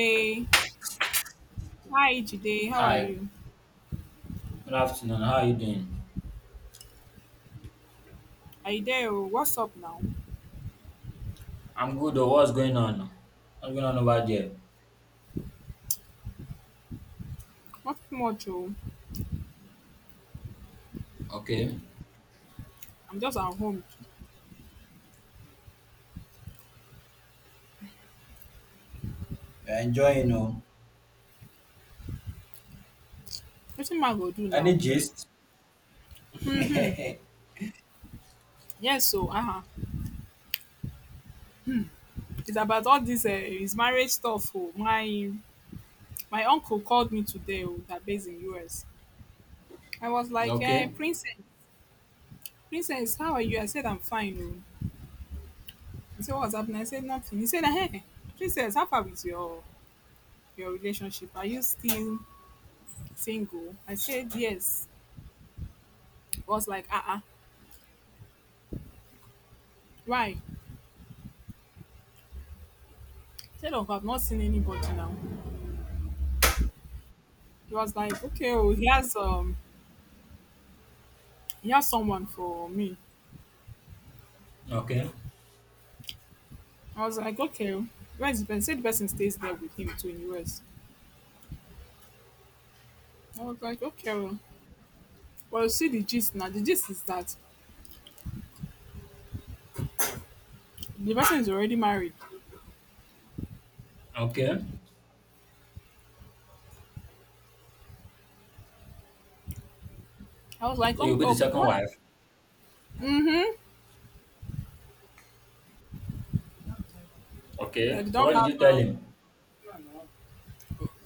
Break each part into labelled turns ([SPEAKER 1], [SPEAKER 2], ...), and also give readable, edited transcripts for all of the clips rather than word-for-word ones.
[SPEAKER 1] Hey, hi Jide, how are
[SPEAKER 2] Hi,
[SPEAKER 1] you?
[SPEAKER 2] good afternoon. How are you doing?
[SPEAKER 1] Are you there? Oh? What's up now?
[SPEAKER 2] I'm good. Oh, what's going on? What's going on over there?
[SPEAKER 1] Not much, oh.
[SPEAKER 2] Okay.
[SPEAKER 1] I'm just at home.
[SPEAKER 2] You're enjoying, oh.
[SPEAKER 1] Nothing man go do
[SPEAKER 2] Any
[SPEAKER 1] now.
[SPEAKER 2] gist?
[SPEAKER 1] Yes, so uh-huh. It's about all this his marriage stuff. Oh. My uncle called me today oh, that based in US. I was like, hey,
[SPEAKER 2] Okay,
[SPEAKER 1] princess, how are you? I said I'm fine. Oh. He said, what's happening? I said nothing. He said, hey, princess, how far with your relationship? Are you still single? I said yes. He was like, uh-uh. Why? Said of I've not seen anybody now. He was like, okay, oh, he has someone for me.
[SPEAKER 2] okay,
[SPEAKER 1] I was like, okay, oh. Where's the person? Said the person stays there with him too in US. I was like, okay, oh. Well, you see the gist now. The gist is that the person is already married.
[SPEAKER 2] okay.
[SPEAKER 1] I was like,
[SPEAKER 2] So you'll
[SPEAKER 1] oh,
[SPEAKER 2] be the
[SPEAKER 1] oh
[SPEAKER 2] second
[SPEAKER 1] what?
[SPEAKER 2] wife.
[SPEAKER 1] Mm-hmm.
[SPEAKER 2] Okay.
[SPEAKER 1] That they
[SPEAKER 2] So
[SPEAKER 1] don't
[SPEAKER 2] what did
[SPEAKER 1] have
[SPEAKER 2] you tell him?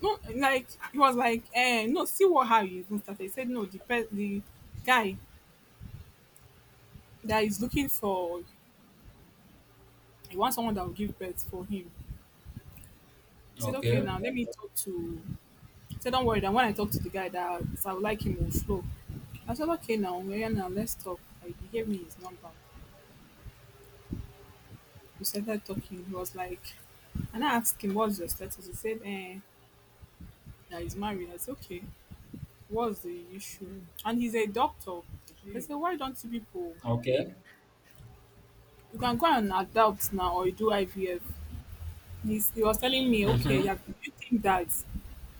[SPEAKER 1] no like he was like, eh, no, see what how you even started. He said no, the guy that is looking for he wants someone that will give birth for him. He said, okay,
[SPEAKER 2] Okay,
[SPEAKER 1] now let me talk to. So don't worry. Then when I talk to the guy that I would like him, we'll flow. I said, okay, now we're now. Let's talk. Like, he gave me his number. We started talking. He was like, and I asked him, what's your status? He said, eh, that he's married. I said, okay, what's the issue? And he's a doctor. I said, why don't you people,
[SPEAKER 2] okay.
[SPEAKER 1] you can go and adopt now or you do IVF. He was telling me, okay,
[SPEAKER 2] Mm-hmm.
[SPEAKER 1] yeah, do you think that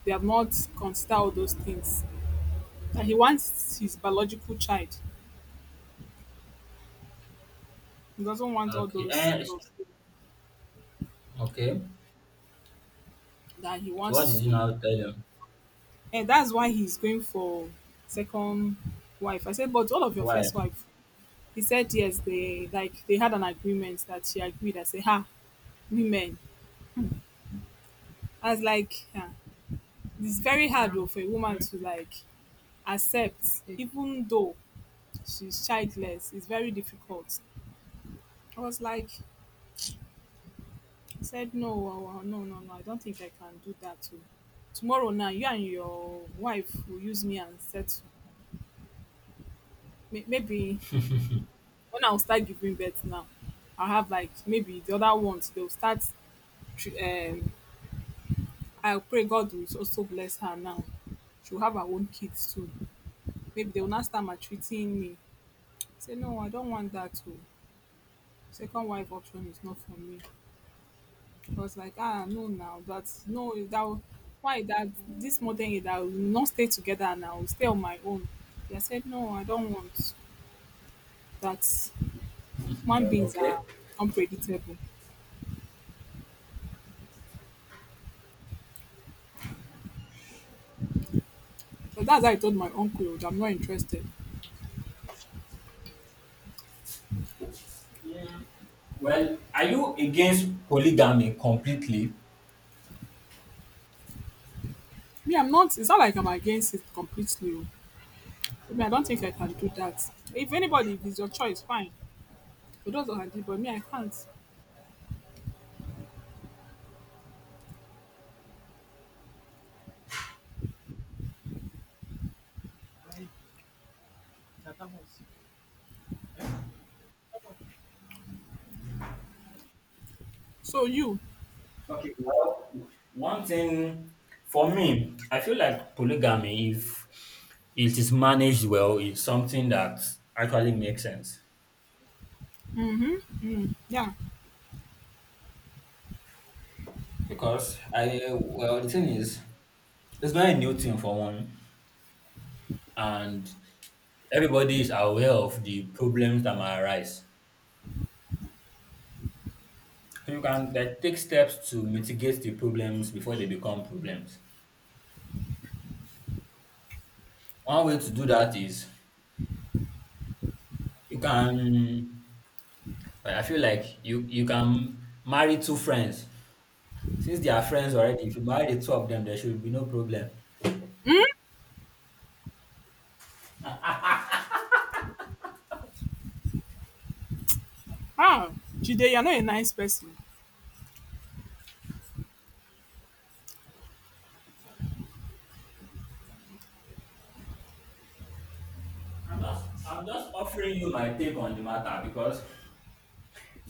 [SPEAKER 1] they have not considered all those things? That he wants his biological child. He doesn't want all
[SPEAKER 2] Okay.
[SPEAKER 1] those,
[SPEAKER 2] Eh,
[SPEAKER 1] those
[SPEAKER 2] okay.
[SPEAKER 1] that he
[SPEAKER 2] So what did
[SPEAKER 1] wants
[SPEAKER 2] you
[SPEAKER 1] to,
[SPEAKER 2] now tell him?
[SPEAKER 1] and that's why he's going for second wife. I said, but all of your
[SPEAKER 2] Why?
[SPEAKER 1] first wife? He said yes, they like they had an agreement that she agreed. I said, ha, women. I was like, yeah, it's very hard though for a woman to like accept even though she's childless. It's very difficult. I was like, he said no, no, I don't think I can do that too. Tomorrow now you and your wife will use me and settle. Maybe when I'll start giving birth now, I'll have like maybe the other ones, they'll start. tr- Um, I'll pray God will also bless her now. She'll have her own kids soon. Maybe they'll not start maltreating me. Say, no, I don't want that too. Second wife option is not for me. I was like, ah, no, now that's no, that why that this modern age I will not stay together and I will stay on my own. They said, no, I don't want that. Human beings
[SPEAKER 2] Okay.
[SPEAKER 1] are unpredictable. So that's how I told my uncle that I'm not interested.
[SPEAKER 2] Mm, well, are you against polygamy completely?
[SPEAKER 1] Me, I'm not. It's not like I'm against it completely. Oh. I mean, I don't think I can do that. If anybody, if it's your choice, fine. For those that can do, but me, I can't. So you,
[SPEAKER 2] Okay, well, one thing for me, I feel like polygamy, if it is managed well, is something that actually makes sense.
[SPEAKER 1] yeah.
[SPEAKER 2] Because I, well, the thing is, it's not a new thing for one, and everybody is aware of the problems that might arise. So you can like take steps to mitigate the problems before they become problems. One way to do that is you can, well, I feel like you can marry two friends. Since they are friends already, if you marry the two of them, there should be no problem.
[SPEAKER 1] Ah, Jide, you're not a nice person.
[SPEAKER 2] I'm just, I'm just offering you my take on the matter because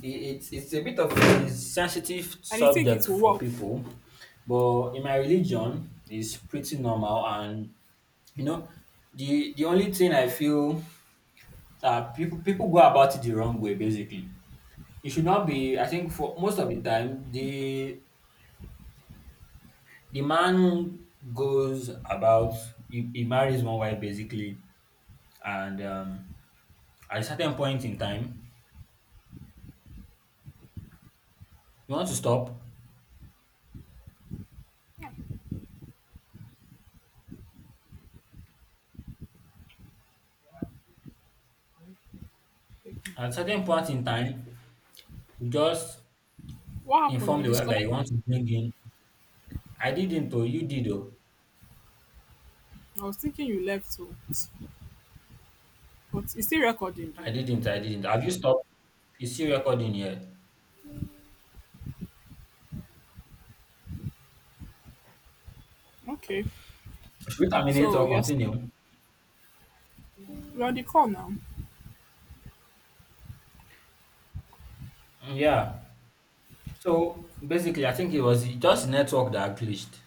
[SPEAKER 2] it's a bit of a sensitive
[SPEAKER 1] And you think
[SPEAKER 2] subject
[SPEAKER 1] it will
[SPEAKER 2] for
[SPEAKER 1] work.
[SPEAKER 2] people. But in my religion, it's pretty normal. And, you know, the only thing I feel that people go about it the wrong way, basically. It should not be, I think, for most of the time, the man goes about, he marries one wife, basically, and, at a certain point in time, you want to stop. At a certain point in time, you just
[SPEAKER 1] What happened?
[SPEAKER 2] inform
[SPEAKER 1] You
[SPEAKER 2] the web that you
[SPEAKER 1] disconnected.
[SPEAKER 2] want to bring in. I didn't, oh, you did, oh.
[SPEAKER 1] I was thinking you left, so but it's still recording though.
[SPEAKER 2] I didn't. Have you stopped? Is still recording here?
[SPEAKER 1] Okay.
[SPEAKER 2] Should we terminate
[SPEAKER 1] So
[SPEAKER 2] or
[SPEAKER 1] you're still
[SPEAKER 2] continue?
[SPEAKER 1] you're on the call now.
[SPEAKER 2] Mm, yeah. So basically, I think it was just network that glitched.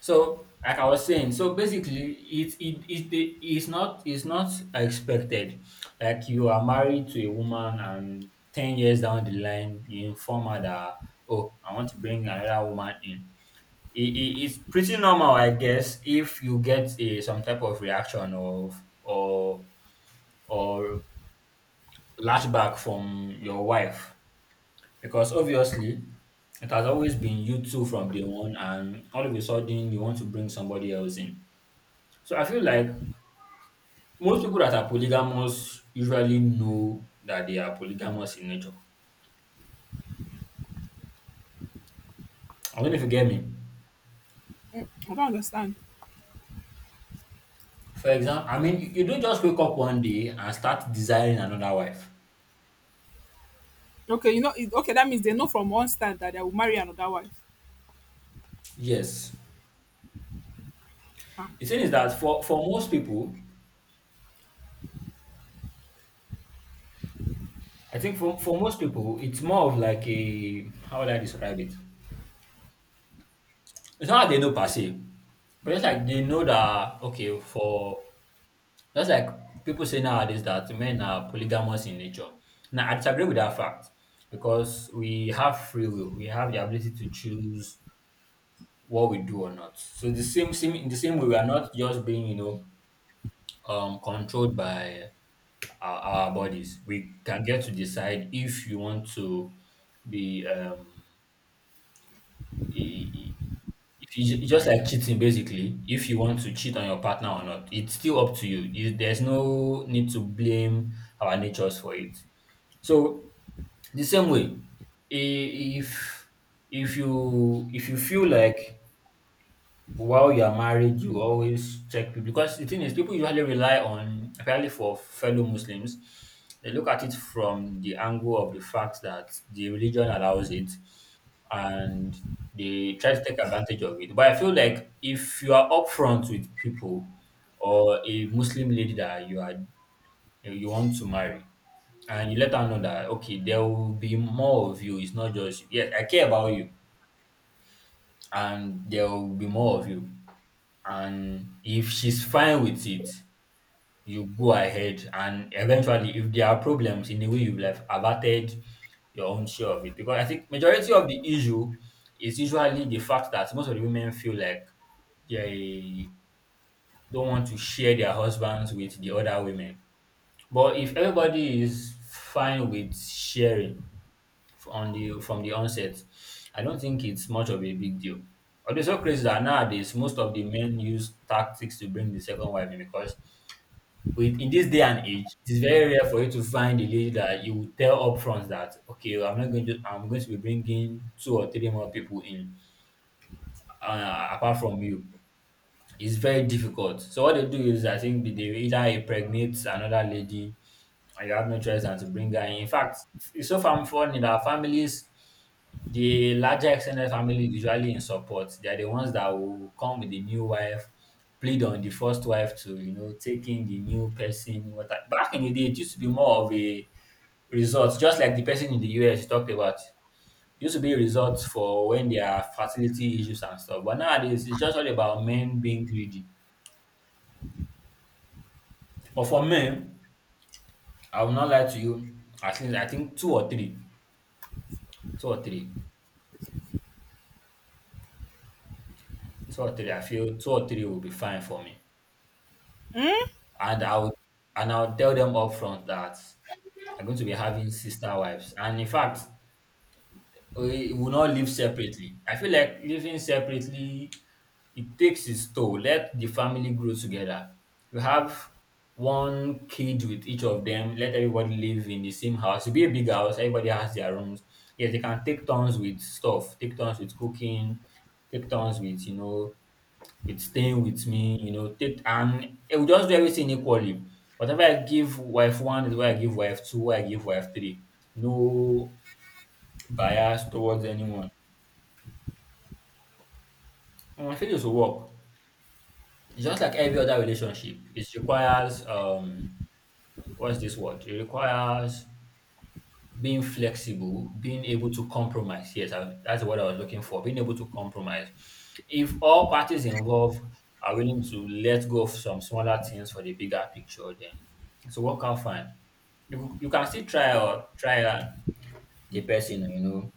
[SPEAKER 2] So, like I was saying, so basically, it's not expected. Like you are married to a woman, and 10 years down the line, you inform her that oh, I want to bring another woman in. It's pretty normal, I guess, if you get a some type of reaction of or or lashback from your wife, because obviously it has always been you two from day one, and all of a sudden you want to bring somebody else in. So I feel like most people that are polygamous usually know that they are polygamous in nature. I don't know if you get me.
[SPEAKER 1] Mm, I don't understand.
[SPEAKER 2] For example, I mean, you don't just wake up one day and start desiring another wife.
[SPEAKER 1] Okay, you know it, okay, that means they know from one stand that they will marry another wife.
[SPEAKER 2] Yes.
[SPEAKER 1] Ah.
[SPEAKER 2] The thing is that for most people, I think for most people, it's more of like a how would I describe it? It's not that they know per se, but it's like they know that okay, for just like people say nowadays that men are polygamous in nature. Now, I disagree with that fact because we have free will. We have the ability to choose what we do or not. So the same, same in the same way, we are not just being, you know, controlled by our bodies. We can get to decide if you want to be i- i- if you, it's just like cheating basically. If you want to cheat on your partner or not, it's still up to you. There's no need to blame our natures for it. So the same way, if if you feel like while you're married, you always check people because the thing is people usually rely on apparently for fellow Muslims, they look at it from the angle of the fact that the religion allows it, and they try to take advantage of it. But I feel like if you are upfront with people or a Muslim lady that you are you want to marry, and you let her know that okay, there will be more of you. It's not just yes, I care about you and there will be more of you, and if she's fine with it, you go ahead. And eventually if there are problems, in the way you've like averted your own share of it, because I think majority of the issue is usually the fact that most of the women feel like they don't want to share their husbands with the other women. But if everybody is fine with sharing, on the from the onset, I don't think it's much of a big deal. Although it's so crazy that nowadays most of the men use tactics to bring the second wife in, because with in this day and age, it is very rare for you to find a lady that you will tell upfront that okay, I'm not going to I'm going to be bringing two or three more people in, apart from you. It's very difficult. So what they do is I think they either impregnate another lady and you have no choice than to bring her in. In fact, it's so funny that families, the larger extended family is usually in support. They are the ones that will come with the new wife, plead on the first wife to, you know, take in the new person. Back in the day, it used to be more of a resort, just like the person in the US you talked about. It used to be a resort for when there are fertility issues and stuff. But nowadays, it's just all about men being greedy. But for men, I will not lie to you. At least I think two or three two or three, I feel two or three will be fine for me. And I'll tell them upfront that I'm going to be having sister wives. And in fact, we will not live separately. I feel like living separately, it takes its toll. Let the family grow together. You have one kid with each of them. Let everybody live in the same house. It'll be a big house. Everybody has their rooms. Yes, they can take turns with stuff. Take turns with cooking. Take turns with you know, with staying with me, you know, take and it will just do everything equally. Whatever I give wife one is what I give wife two, what I give wife three. No bias towards anyone. And I feel this will work. It's just like every other relationship. It requires what's this word? It requires being flexible, being able to compromise. Yes, I, that's what I was looking for. Being able to compromise. If all parties involved are willing to let go of some smaller things for the bigger picture, then it's a workout fine. You can still try or try out the person, you know,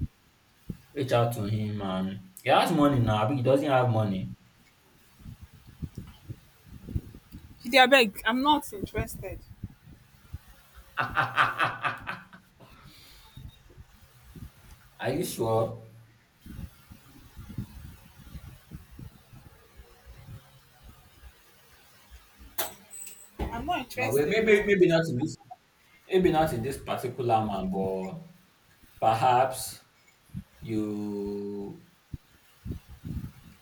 [SPEAKER 2] reach out to him, and he has money now, but he doesn't have money.
[SPEAKER 1] Jide, I beg, I'm not interested.
[SPEAKER 2] Are you sure?
[SPEAKER 1] I'm not
[SPEAKER 2] Well,
[SPEAKER 1] interested
[SPEAKER 2] maybe
[SPEAKER 1] though.
[SPEAKER 2] maybe not in this particular man, but perhaps you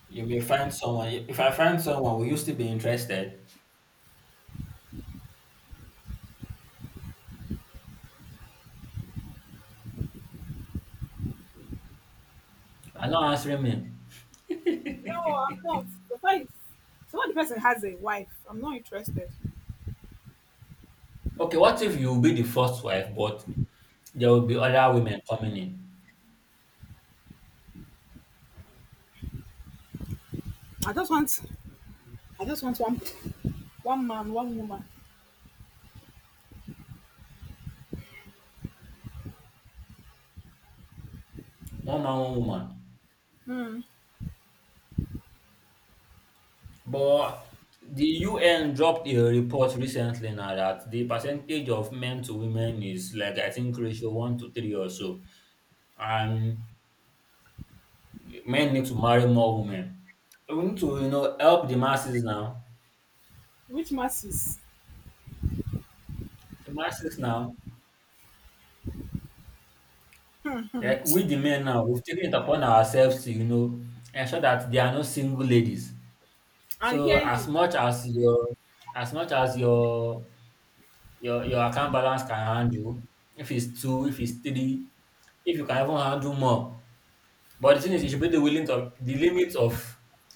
[SPEAKER 2] you may find someone. If I find someone, will you still be interested? I'm not answering me.
[SPEAKER 1] No, I'm not. The fact is, so when the person has a wife, I'm not interested.
[SPEAKER 2] Okay, what if you be the first wife, but there will be other women coming in?
[SPEAKER 1] I just want, I just want one, one man, one woman.
[SPEAKER 2] One man, one woman. But the UN dropped a report recently now that the percentage of men to women is like I think ratio 1 to 3 or so. And men need to marry more women. So we need to, you know, help the masses now.
[SPEAKER 1] Which masses?
[SPEAKER 2] The masses now. Like we the men now, we've taken it upon ourselves to, you know, ensure that there are no single ladies.
[SPEAKER 1] I
[SPEAKER 2] So
[SPEAKER 1] hear you.
[SPEAKER 2] as much as your account balance can handle, if it's two, if it's three, if you can even handle more. But the thing is you should be the willing to the limits of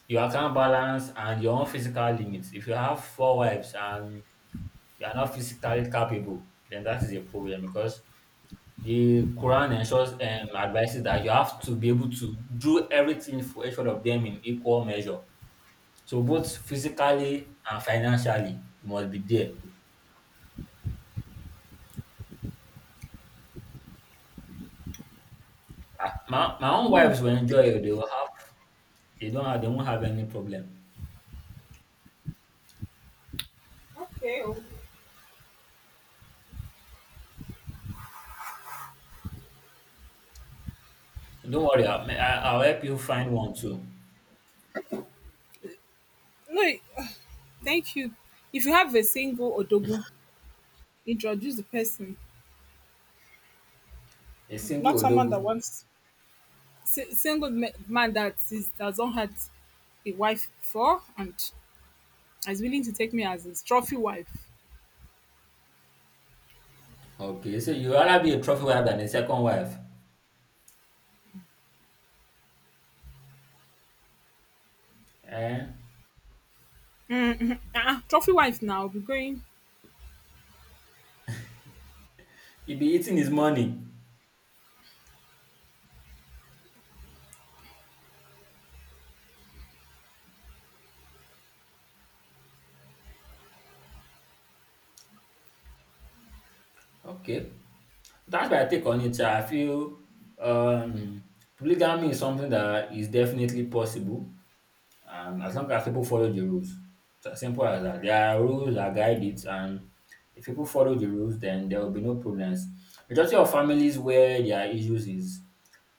[SPEAKER 2] your account balance and your own physical limits. If you have 4 wives and you are not physically capable, then that is a problem because the Quran ensures advises that you have to be able to do everything for each one of them in equal measure. So both physically and financially, you must be there. Ah, my own
[SPEAKER 1] Me.
[SPEAKER 2] wives will enjoy it. They won't have any problem.
[SPEAKER 1] Okay. Oh.
[SPEAKER 2] So don't worry, I'll help you find one too.
[SPEAKER 1] No, eh, thank you. If you have a single odogu, introduce the person.
[SPEAKER 2] A single
[SPEAKER 1] Not someone that
[SPEAKER 2] odogu.
[SPEAKER 1] wants man that is that not had a wife before and is willing to take me as his trophy wife.
[SPEAKER 2] Okay, so you rather be a trophy wife than a second wife. Eh?
[SPEAKER 1] Ah, trophy wife now. I'll be going.
[SPEAKER 2] You be eating his money. Okay. That's my take on it. I feel um, polygamy is something that is definitely possible, as long as people follow the rules. It's as simple as that. There are rules that guide it, and if people follow the rules, then there will be no problems. Majority of families where there are issues is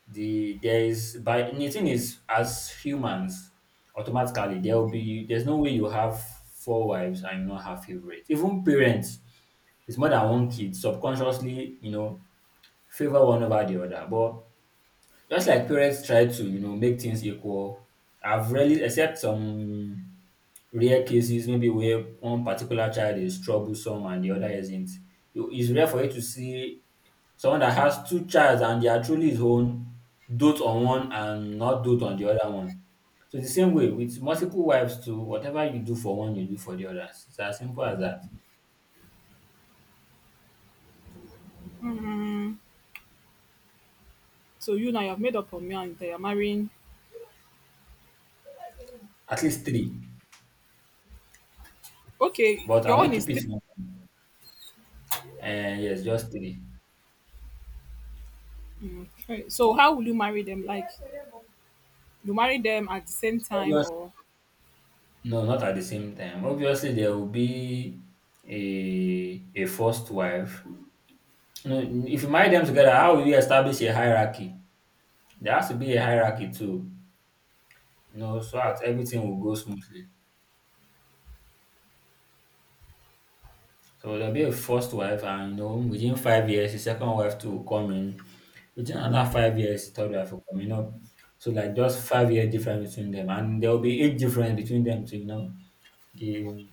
[SPEAKER 2] the there is by and the thing is as humans automatically there will be there's no way you have 4 wives and you not have favorites. Even parents, it's more than one kid. Subconsciously favor one over the other. But just like parents try to make things equal, I've rarely, except some rare cases, maybe where one particular child is troublesome and the other isn't. It's rare for you to see someone that has two childs and they are truly his own, dote on one and not dote on the other one. So the same way with multiple wives too, whatever you do for one, you do for the others. It's as simple as that.
[SPEAKER 1] Mm, so you now you have made up on me and they are marrying.
[SPEAKER 2] At least three.
[SPEAKER 1] Okay,
[SPEAKER 2] But I
[SPEAKER 1] your own
[SPEAKER 2] won't
[SPEAKER 1] is
[SPEAKER 2] keep it
[SPEAKER 1] three.
[SPEAKER 2] small. And yes, just three.
[SPEAKER 1] Right. So how will you marry them? Like you marry them at the same time or?
[SPEAKER 2] No, not at the same time. Obviously, there will be a first wife. You know, if you marry them together, how will you establish a hierarchy? There has to be a hierarchy too. So that everything will go smoothly. So there'll be a first wife, and within 5 years, the second wife too will come in. Within another 5 years, the third wife will come in. So like just 5-year difference between them, and there will be age difference between them too. You know, the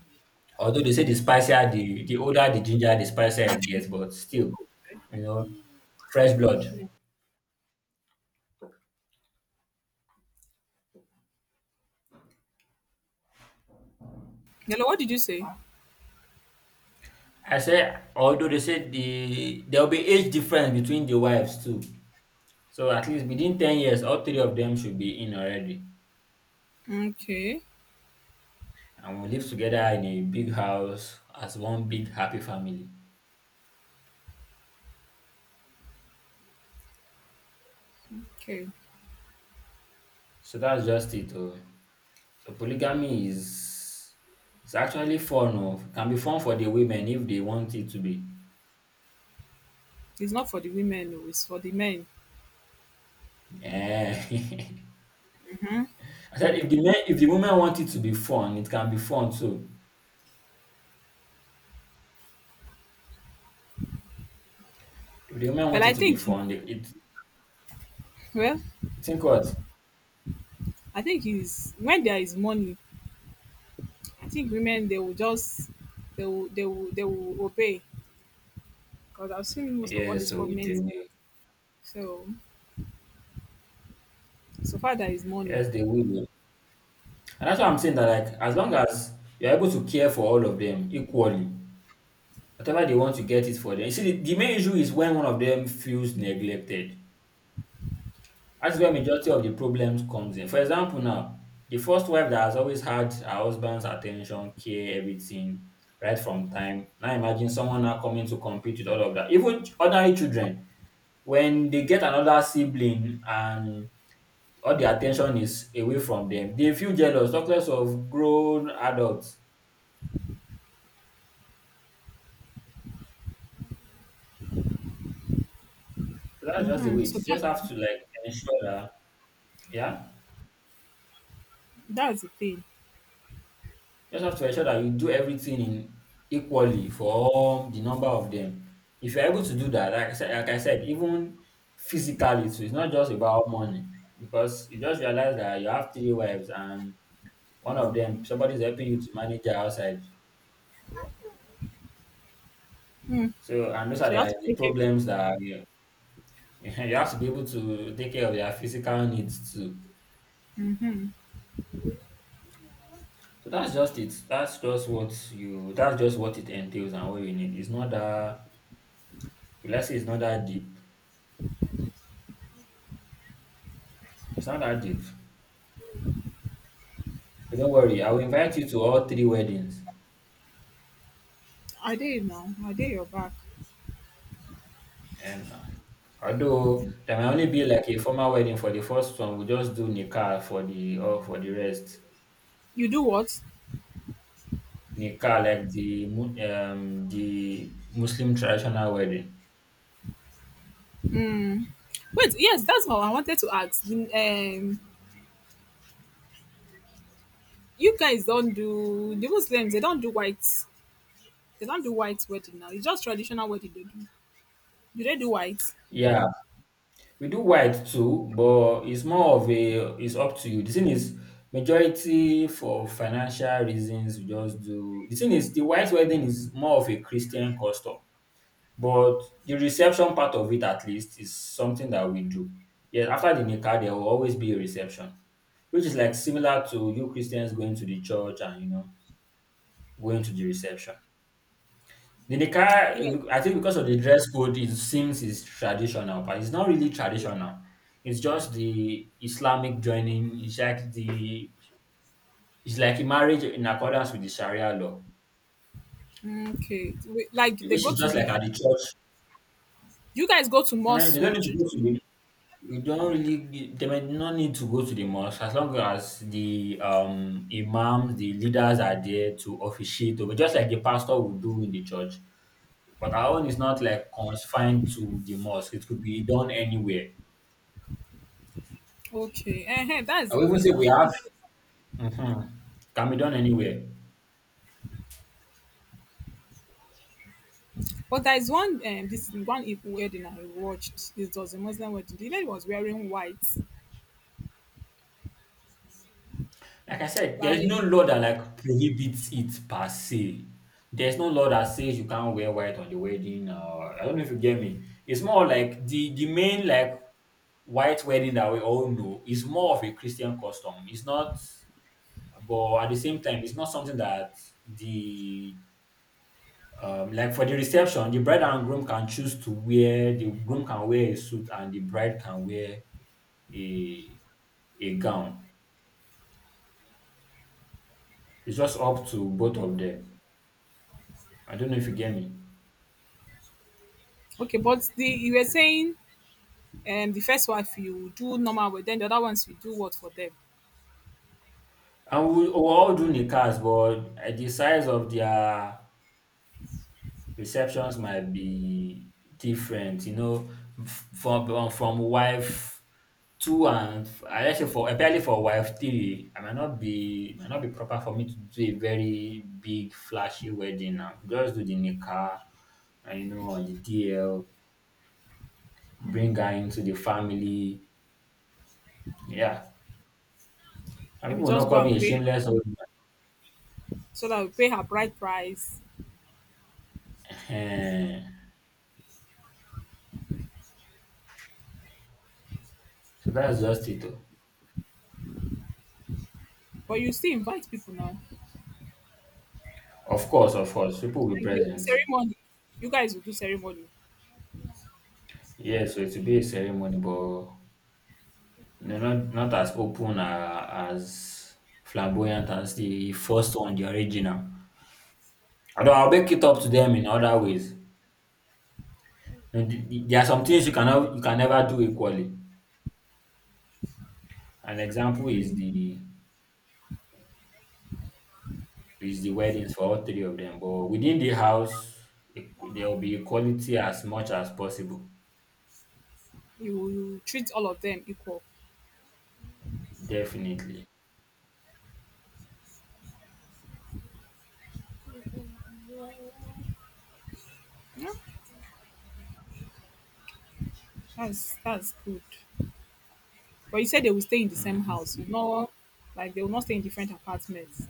[SPEAKER 2] Although they say the older the ginger, the spicier it gets, but still, you know, fresh blood.
[SPEAKER 1] Hello, what did you say?
[SPEAKER 2] I say although they say there will be age difference between the wives too. So at least within 10 years, all three of them should be in already,
[SPEAKER 1] Okay,
[SPEAKER 2] and we live together in a big house as one big happy family.
[SPEAKER 1] okay.
[SPEAKER 2] So that's just it, oh. So polygamy is it's actually fun. Oh. Can be fun for the women if they want it to be.
[SPEAKER 1] It's not for the women, no, it's for the men.
[SPEAKER 2] Eh. I said if the women want it to be fun, it can be fun too. If the women
[SPEAKER 1] But
[SPEAKER 2] want
[SPEAKER 1] I
[SPEAKER 2] it to be
[SPEAKER 1] think,
[SPEAKER 2] fun, they, it
[SPEAKER 1] well,
[SPEAKER 2] you think what?
[SPEAKER 1] I think is when there is money, I think women they will just they will obey because I've seen most of all
[SPEAKER 2] Yeah,
[SPEAKER 1] these
[SPEAKER 2] so they
[SPEAKER 1] prominent.
[SPEAKER 2] will.
[SPEAKER 1] So so far there is money.
[SPEAKER 2] Yes, they will, oh. And that's why I'm saying that, like, as long as you're able to care for all of them equally, whatever they want to get it for them. You see, the main issue is when one of them feels neglected. That's where majority of the problems comes in. For example, now the first wife that has always had her husband's attention, care, everything right from time. Now imagine someone now coming to compete with all of that. Even ordinary children, when they get another sibling and all the attention is away from them, they feel jealous, talk less of grown adults. So that's just the
[SPEAKER 1] Hmm.
[SPEAKER 2] way it
[SPEAKER 1] So
[SPEAKER 2] is. You
[SPEAKER 1] that
[SPEAKER 2] just have to, like, ensure that, yeah.
[SPEAKER 1] that's the thing.
[SPEAKER 2] You just have to ensure that you do everything in equally for all the number of them. If you're able to do that, like I said, even physically too, it's not just about money because you just realize that you have three wives and one of them somebody's helping you to manage her outside.
[SPEAKER 1] Mm.
[SPEAKER 2] So and those are
[SPEAKER 1] So you have
[SPEAKER 2] the,
[SPEAKER 1] to
[SPEAKER 2] the
[SPEAKER 1] take care.
[SPEAKER 2] problems that are here. You have to be able to take care of their physical needs too. So that's just it. That's just what you. That's just what it entails and what you need. It's not that. Let's say it's not that deep. It's not that deep. So, don't worry, I will invite you to all three weddings.
[SPEAKER 1] I did now. I did your back.
[SPEAKER 2] And although there may only be like a formal wedding for the first one, we just do nikah for the or for the rest.
[SPEAKER 1] You do what?
[SPEAKER 2] Nikah, like the Muslim traditional wedding.
[SPEAKER 1] Wait, yes, that's what I wanted to ask. You guys don't do the Muslims. They don't do white. They don't do white wedding now. It's just traditional wedding they do. Do they do white?
[SPEAKER 2] Yeah, we do white too, but it's more of a it's up to you. The thing is, majority for financial reasons, we just do. The thing is, the white wedding is more of a Christian custom. But the reception part of it at least is something that we do. Yeah, after the Nikah, there will always be a reception, which is like similar to you Christians going to the church and going to the reception. The Nikah,
[SPEAKER 1] Yes.
[SPEAKER 2] I think because of the dress code, it seems is traditional, but it's not really traditional. It's just the Islamic joining. It's like a marriage in accordance with the Sharia law,
[SPEAKER 1] Mm, okay. Wait, like they
[SPEAKER 2] which
[SPEAKER 1] go
[SPEAKER 2] is
[SPEAKER 1] to
[SPEAKER 2] just like at
[SPEAKER 1] the.
[SPEAKER 2] the church.
[SPEAKER 1] You guys go to
[SPEAKER 2] Eh,
[SPEAKER 1] mosque.
[SPEAKER 2] They don't need to go to the you don't really, they might not need to go to the mosque as long as the imams, the leaders are there to officiate over, just like the pastor would do in the church. But our own is not like confined to the mosque. It could be done anywhere.
[SPEAKER 1] Okay. That's
[SPEAKER 2] I
[SPEAKER 1] the
[SPEAKER 2] would even say
[SPEAKER 1] thing.
[SPEAKER 2] we have,
[SPEAKER 1] Because.
[SPEAKER 2] mhm, can be done anywhere.
[SPEAKER 1] But there is one. This one Igbo wedding I watched. It was a Muslim wedding. The lady was wearing white.
[SPEAKER 2] Like I said, there's no
[SPEAKER 1] Like
[SPEAKER 2] law that like prohibits it per se. There's no law that says you can't wear white on the wedding or I don't know if you get me. It's more like the main, like, white wedding that we all know is more of a Christian custom. It's not, but at the same time, it's not something that the like for the reception, the bride and groom can choose to wear. The groom can wear a suit, and the bride can wear a a gown. It's just up to both of them. I don't know if you get me.
[SPEAKER 1] okay, but the you were saying. And the first wife you do normal work then the other ones you do what for them?
[SPEAKER 2] And we all do nikahs, but the size of their receptions might be different. From wife Two and f I let's say for apparently for wife three, I might not be it might not be proper for me to do a very big flashy wedding now. Just do the nikah, and on the DL, bring her into the family. Yeah. And
[SPEAKER 1] Maybe
[SPEAKER 2] people will not
[SPEAKER 1] just go
[SPEAKER 2] call me
[SPEAKER 1] and
[SPEAKER 2] a
[SPEAKER 1] pay her,
[SPEAKER 2] shameless old man.
[SPEAKER 1] so that we pay her bride price.
[SPEAKER 2] So that's just it, oh.
[SPEAKER 1] But you still invite people now,
[SPEAKER 2] Of course, people will be
[SPEAKER 1] like there will be
[SPEAKER 2] present.
[SPEAKER 1] ceremony, you guys will do ceremony.
[SPEAKER 2] Yes, so it will be a ceremony, but, you know, not as open a as flamboyant as the first one, the original. Although I'll make it up to them in other ways. And there are some things you can never do equally. An example is the weddings for all three of them, but within the house, there will be equality as much as possible.
[SPEAKER 1] You will treat all of them equal.
[SPEAKER 2] Definitely.
[SPEAKER 1] Yeah, that's good. But you said they will stay in the same
[SPEAKER 2] Mhm.
[SPEAKER 1] house you know, like they will not stay in different apartments.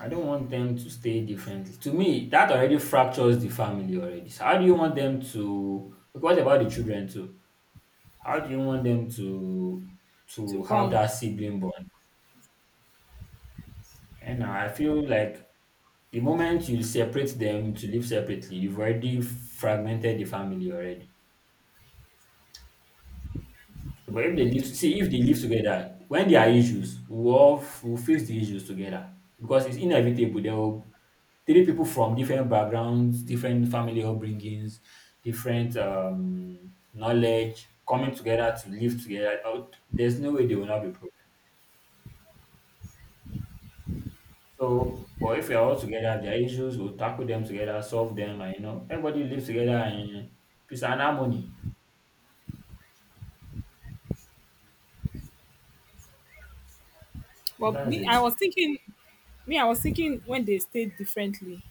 [SPEAKER 2] I don't want them to stay differently. To me, that already fractures the family already. So how do you want them to? Okay, what about the children too? How do you want them to
[SPEAKER 1] To
[SPEAKER 2] to have
[SPEAKER 1] bond.
[SPEAKER 2] that sibling bond? And I feel like the moment you separate them to live separately, you've already fragmented the family already. But if they live, see, if they live together, when there are issues, we'll, all, we'll fix the issues together because it's inevitable. There will three people from different backgrounds, different family upbringings, different knowledge coming together to live together. There's no way they will not be problem. So, or if we are all together, there are issues, we'll tackle them together, solve them, and everybody lives together in peace and harmony. So
[SPEAKER 1] But
[SPEAKER 2] that's
[SPEAKER 1] me I
[SPEAKER 2] it.
[SPEAKER 1] was thinking, me I was thinking when they stayed differently,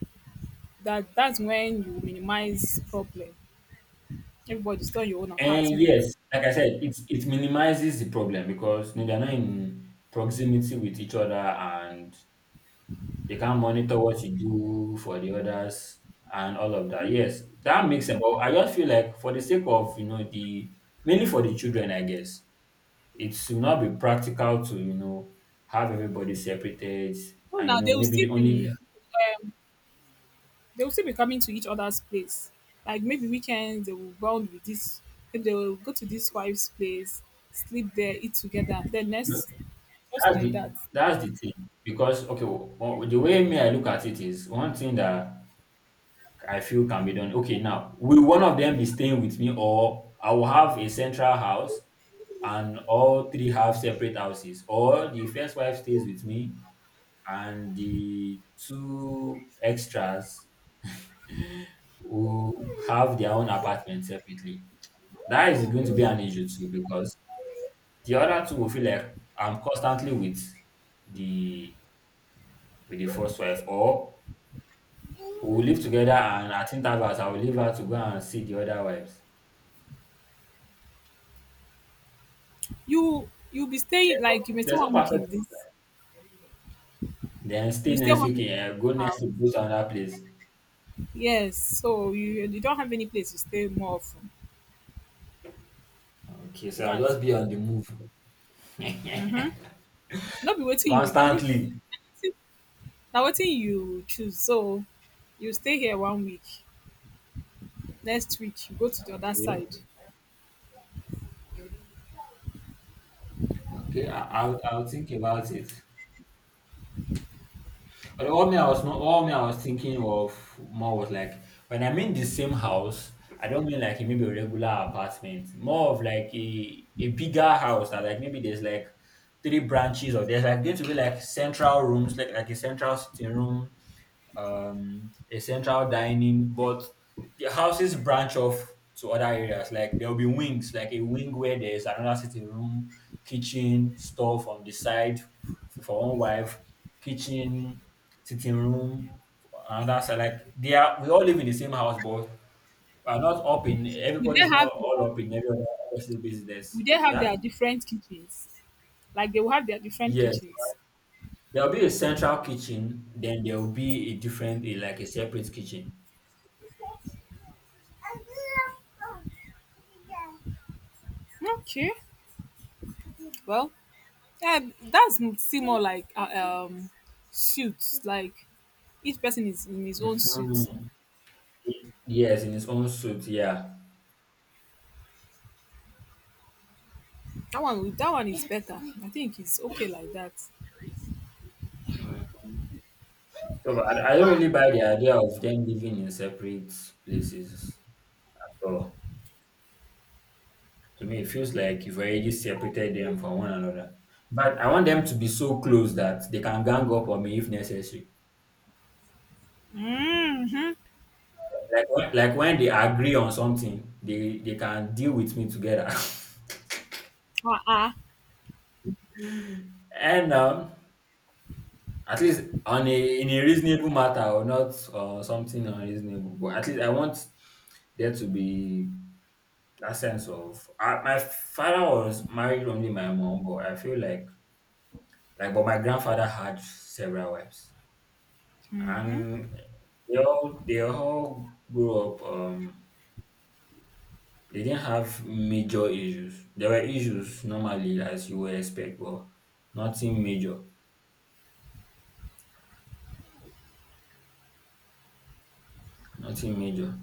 [SPEAKER 1] that that's when you minimize problem. Everybody's still in your own
[SPEAKER 2] And
[SPEAKER 1] apartment.
[SPEAKER 2] yes, like I said, it minimizes the problem because they're not in proximity with each other and they can monitor what you do for the others and all of that. Yes, that makes sense. But I just feel like for the sake of you know the mainly for the children, I guess it should not be practical to have everybody separated
[SPEAKER 1] No,
[SPEAKER 2] and
[SPEAKER 1] now they will still
[SPEAKER 2] maybe only
[SPEAKER 1] be um they will still be coming to each other's place. Like maybe weekends they will bond with this, maybe they will go to this wife's place, sleep there, eat together, then next, just
[SPEAKER 2] that's
[SPEAKER 1] like
[SPEAKER 2] the
[SPEAKER 1] that.
[SPEAKER 2] that's the thing because, okay, well, the way me I look at it is one thing that I feel can be done. Okay, now will one of them be staying with me, or I will have a central house and all three have separate houses, or the first wife stays with me and the two extras will have their own apartment separately. That is going to be an issue too because the other two will feel like I'm constantly the with the first wife, or we will live together and at intervals I will leave her to go and see the other wives.
[SPEAKER 1] You you'll be staying
[SPEAKER 2] There's
[SPEAKER 1] like you
[SPEAKER 2] no
[SPEAKER 1] may stay
[SPEAKER 2] there's no
[SPEAKER 1] one week
[SPEAKER 2] perfect
[SPEAKER 1] in
[SPEAKER 2] system.
[SPEAKER 1] this,
[SPEAKER 2] Then stay
[SPEAKER 1] you stay
[SPEAKER 2] next,
[SPEAKER 1] one
[SPEAKER 2] okay,
[SPEAKER 1] week in
[SPEAKER 2] go
[SPEAKER 1] this
[SPEAKER 2] next
[SPEAKER 1] house.
[SPEAKER 2] to go to another place.
[SPEAKER 1] Yes, so you don't have any place to stay more often.
[SPEAKER 2] Okay, so I'll
[SPEAKER 1] That's
[SPEAKER 2] just
[SPEAKER 1] it.
[SPEAKER 2] be on the move.
[SPEAKER 1] Mm-hmm. Not be waiting you hmm,
[SPEAKER 2] Constantly.
[SPEAKER 1] now waiting you choose. So you stay here one week. Next week you go to the other
[SPEAKER 2] Okay.
[SPEAKER 1] side.
[SPEAKER 2] Okay, I'll think about it. But all me I was not all me I was thinking of more was like when I'm in the same house, I don't mean like maybe a regular apartment, more of like a bigger house that like maybe there's like three branches or there's like going to be like central rooms, like a central sitting room, a central dining, but the houses branch off to other areas. Like there will be wings, like a wing where there's another sitting room, kitchen, stuff on the side for one wife, kitchen, sitting room, another side. Like we all live in the same house, but we are not up in.
[SPEAKER 1] Would they
[SPEAKER 2] Everybody's not
[SPEAKER 1] have their,
[SPEAKER 2] all up in every other person's business.
[SPEAKER 1] would they have
[SPEAKER 2] Yeah.
[SPEAKER 1] their different kitchens? Like they will have their different
[SPEAKER 2] Yes.
[SPEAKER 1] kitchens.
[SPEAKER 2] There'll be a central kitchen, then there'll be a different, like a separate kitchen.
[SPEAKER 1] Okay. Well, yeah, that's still more like um suits. Like each person is in his own suit.
[SPEAKER 2] Mhm. Yes, in his own suit, yeah.
[SPEAKER 1] That one is better. I think it's okay like that.
[SPEAKER 2] Mm. So, but I don't really buy the idea of them living in separate places at all. To me, it feels like you've already separated them from one another. But I want them to be so close that they can gang up on me if necessary.
[SPEAKER 1] Mm-hmm.
[SPEAKER 2] Like when they agree on something, they can deal with me together.
[SPEAKER 1] Ah.
[SPEAKER 2] And, at least on a in a reasonable matter or not or something unreasonable. But at least I want there to be that sense of. I, my father was married only my mom, but I feel like, but my grandfather had several wives, and they all grew up, they didn't have major issues. There were issues normally as you would expect, but nothing major, nothing major.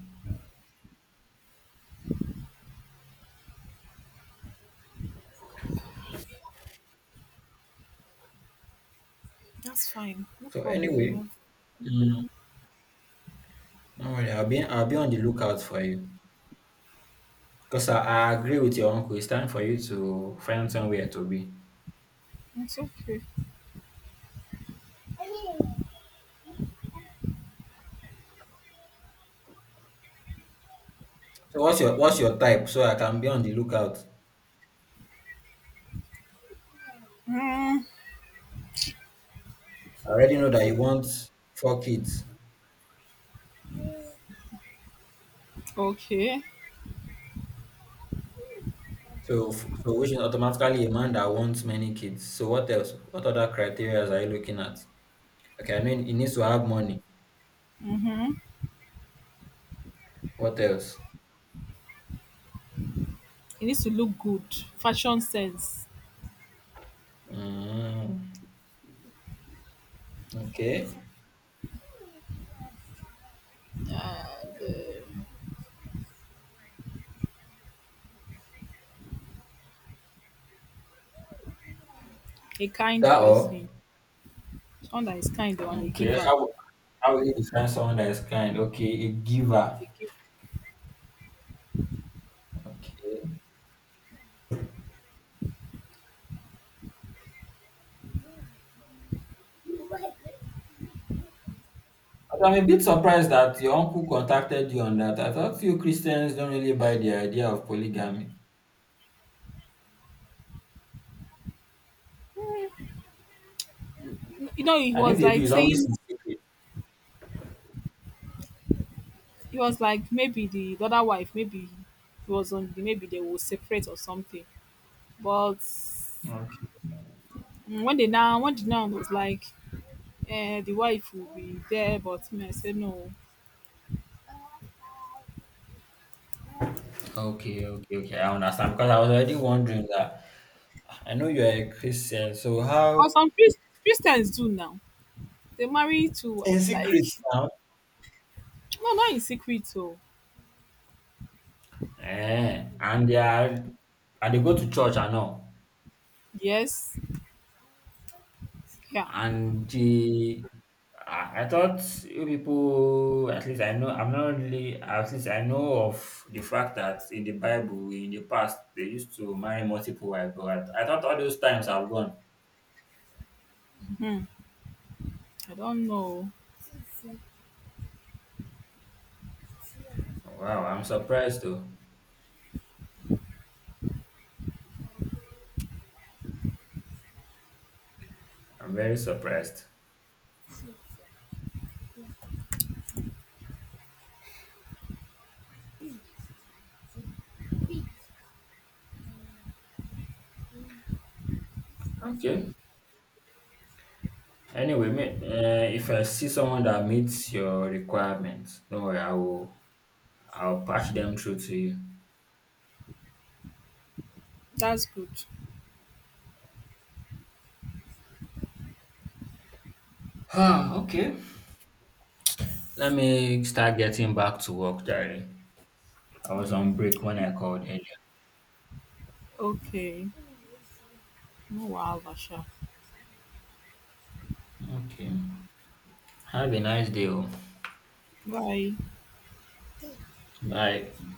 [SPEAKER 1] That's fine. No
[SPEAKER 2] So,
[SPEAKER 1] problem.
[SPEAKER 2] anyway,
[SPEAKER 1] No.
[SPEAKER 2] mm, don't worry, I'll be on the lookout for you because I agree with your uncle, it's time for you to find somewhere to be.
[SPEAKER 1] It's okay.
[SPEAKER 2] So what's your type so I can be on the lookout?
[SPEAKER 1] Mm,
[SPEAKER 2] I already know that you want four kids.
[SPEAKER 1] okay.
[SPEAKER 2] So which is automatically a man that wants many kids. So what else? What other criteria are you looking at? Okay, I mean he needs to have money. What else?
[SPEAKER 1] He needs to look good. Fashion sense.
[SPEAKER 2] Mm, okay.
[SPEAKER 1] Uh, a kind
[SPEAKER 2] That
[SPEAKER 1] person.
[SPEAKER 2] all?
[SPEAKER 1] Someone that is kind though, and a
[SPEAKER 2] Okay.
[SPEAKER 1] giver.
[SPEAKER 2] How will you define someone that is kind? Okay, a giver.
[SPEAKER 1] A giver.
[SPEAKER 2] Okay. But I'm a bit surprised that your uncle contacted you on that. I thought you Christians don't really buy the idea of polygamy.
[SPEAKER 1] You know, he
[SPEAKER 2] And if
[SPEAKER 1] was
[SPEAKER 2] they do,
[SPEAKER 1] like
[SPEAKER 2] it's always
[SPEAKER 1] saying
[SPEAKER 2] in secret.
[SPEAKER 1] he was like maybe the other wife, maybe he was on the maybe they will separate or something. But
[SPEAKER 2] Okay,
[SPEAKER 1] mm, when they now when the now was like eh, the wife will be there, but me I said no.
[SPEAKER 2] okay, okay, okay. I understand because I was already wondering that. I know you're a Christian, so
[SPEAKER 1] But
[SPEAKER 2] how?
[SPEAKER 1] some Christians do now. They marry to
[SPEAKER 2] In
[SPEAKER 1] like
[SPEAKER 2] secret now.
[SPEAKER 1] no not in secret so
[SPEAKER 2] Eh, and they go to church and all.
[SPEAKER 1] yes. Yeah.
[SPEAKER 2] And the, I thought you people, at least I know, I'm not really, at least I know of the fact that in the Bible, in the past, they used to marry multiple wives, but I thought all those times have gone.
[SPEAKER 1] Hmm. I don't know.
[SPEAKER 2] Wow, I'm surprised though. I'm very surprised. Okay. Anyway, mate, if I see someone that meets your requirements, don't worry, I'll patch them through to you.
[SPEAKER 1] That's good.
[SPEAKER 2] Huh, okay. Let me start getting back to work, Jerry. I was on break when I called earlier.
[SPEAKER 1] Okay. No wow, Vasha.
[SPEAKER 2] Okay. Have a nice day, oh.
[SPEAKER 1] Bye.
[SPEAKER 2] Bye.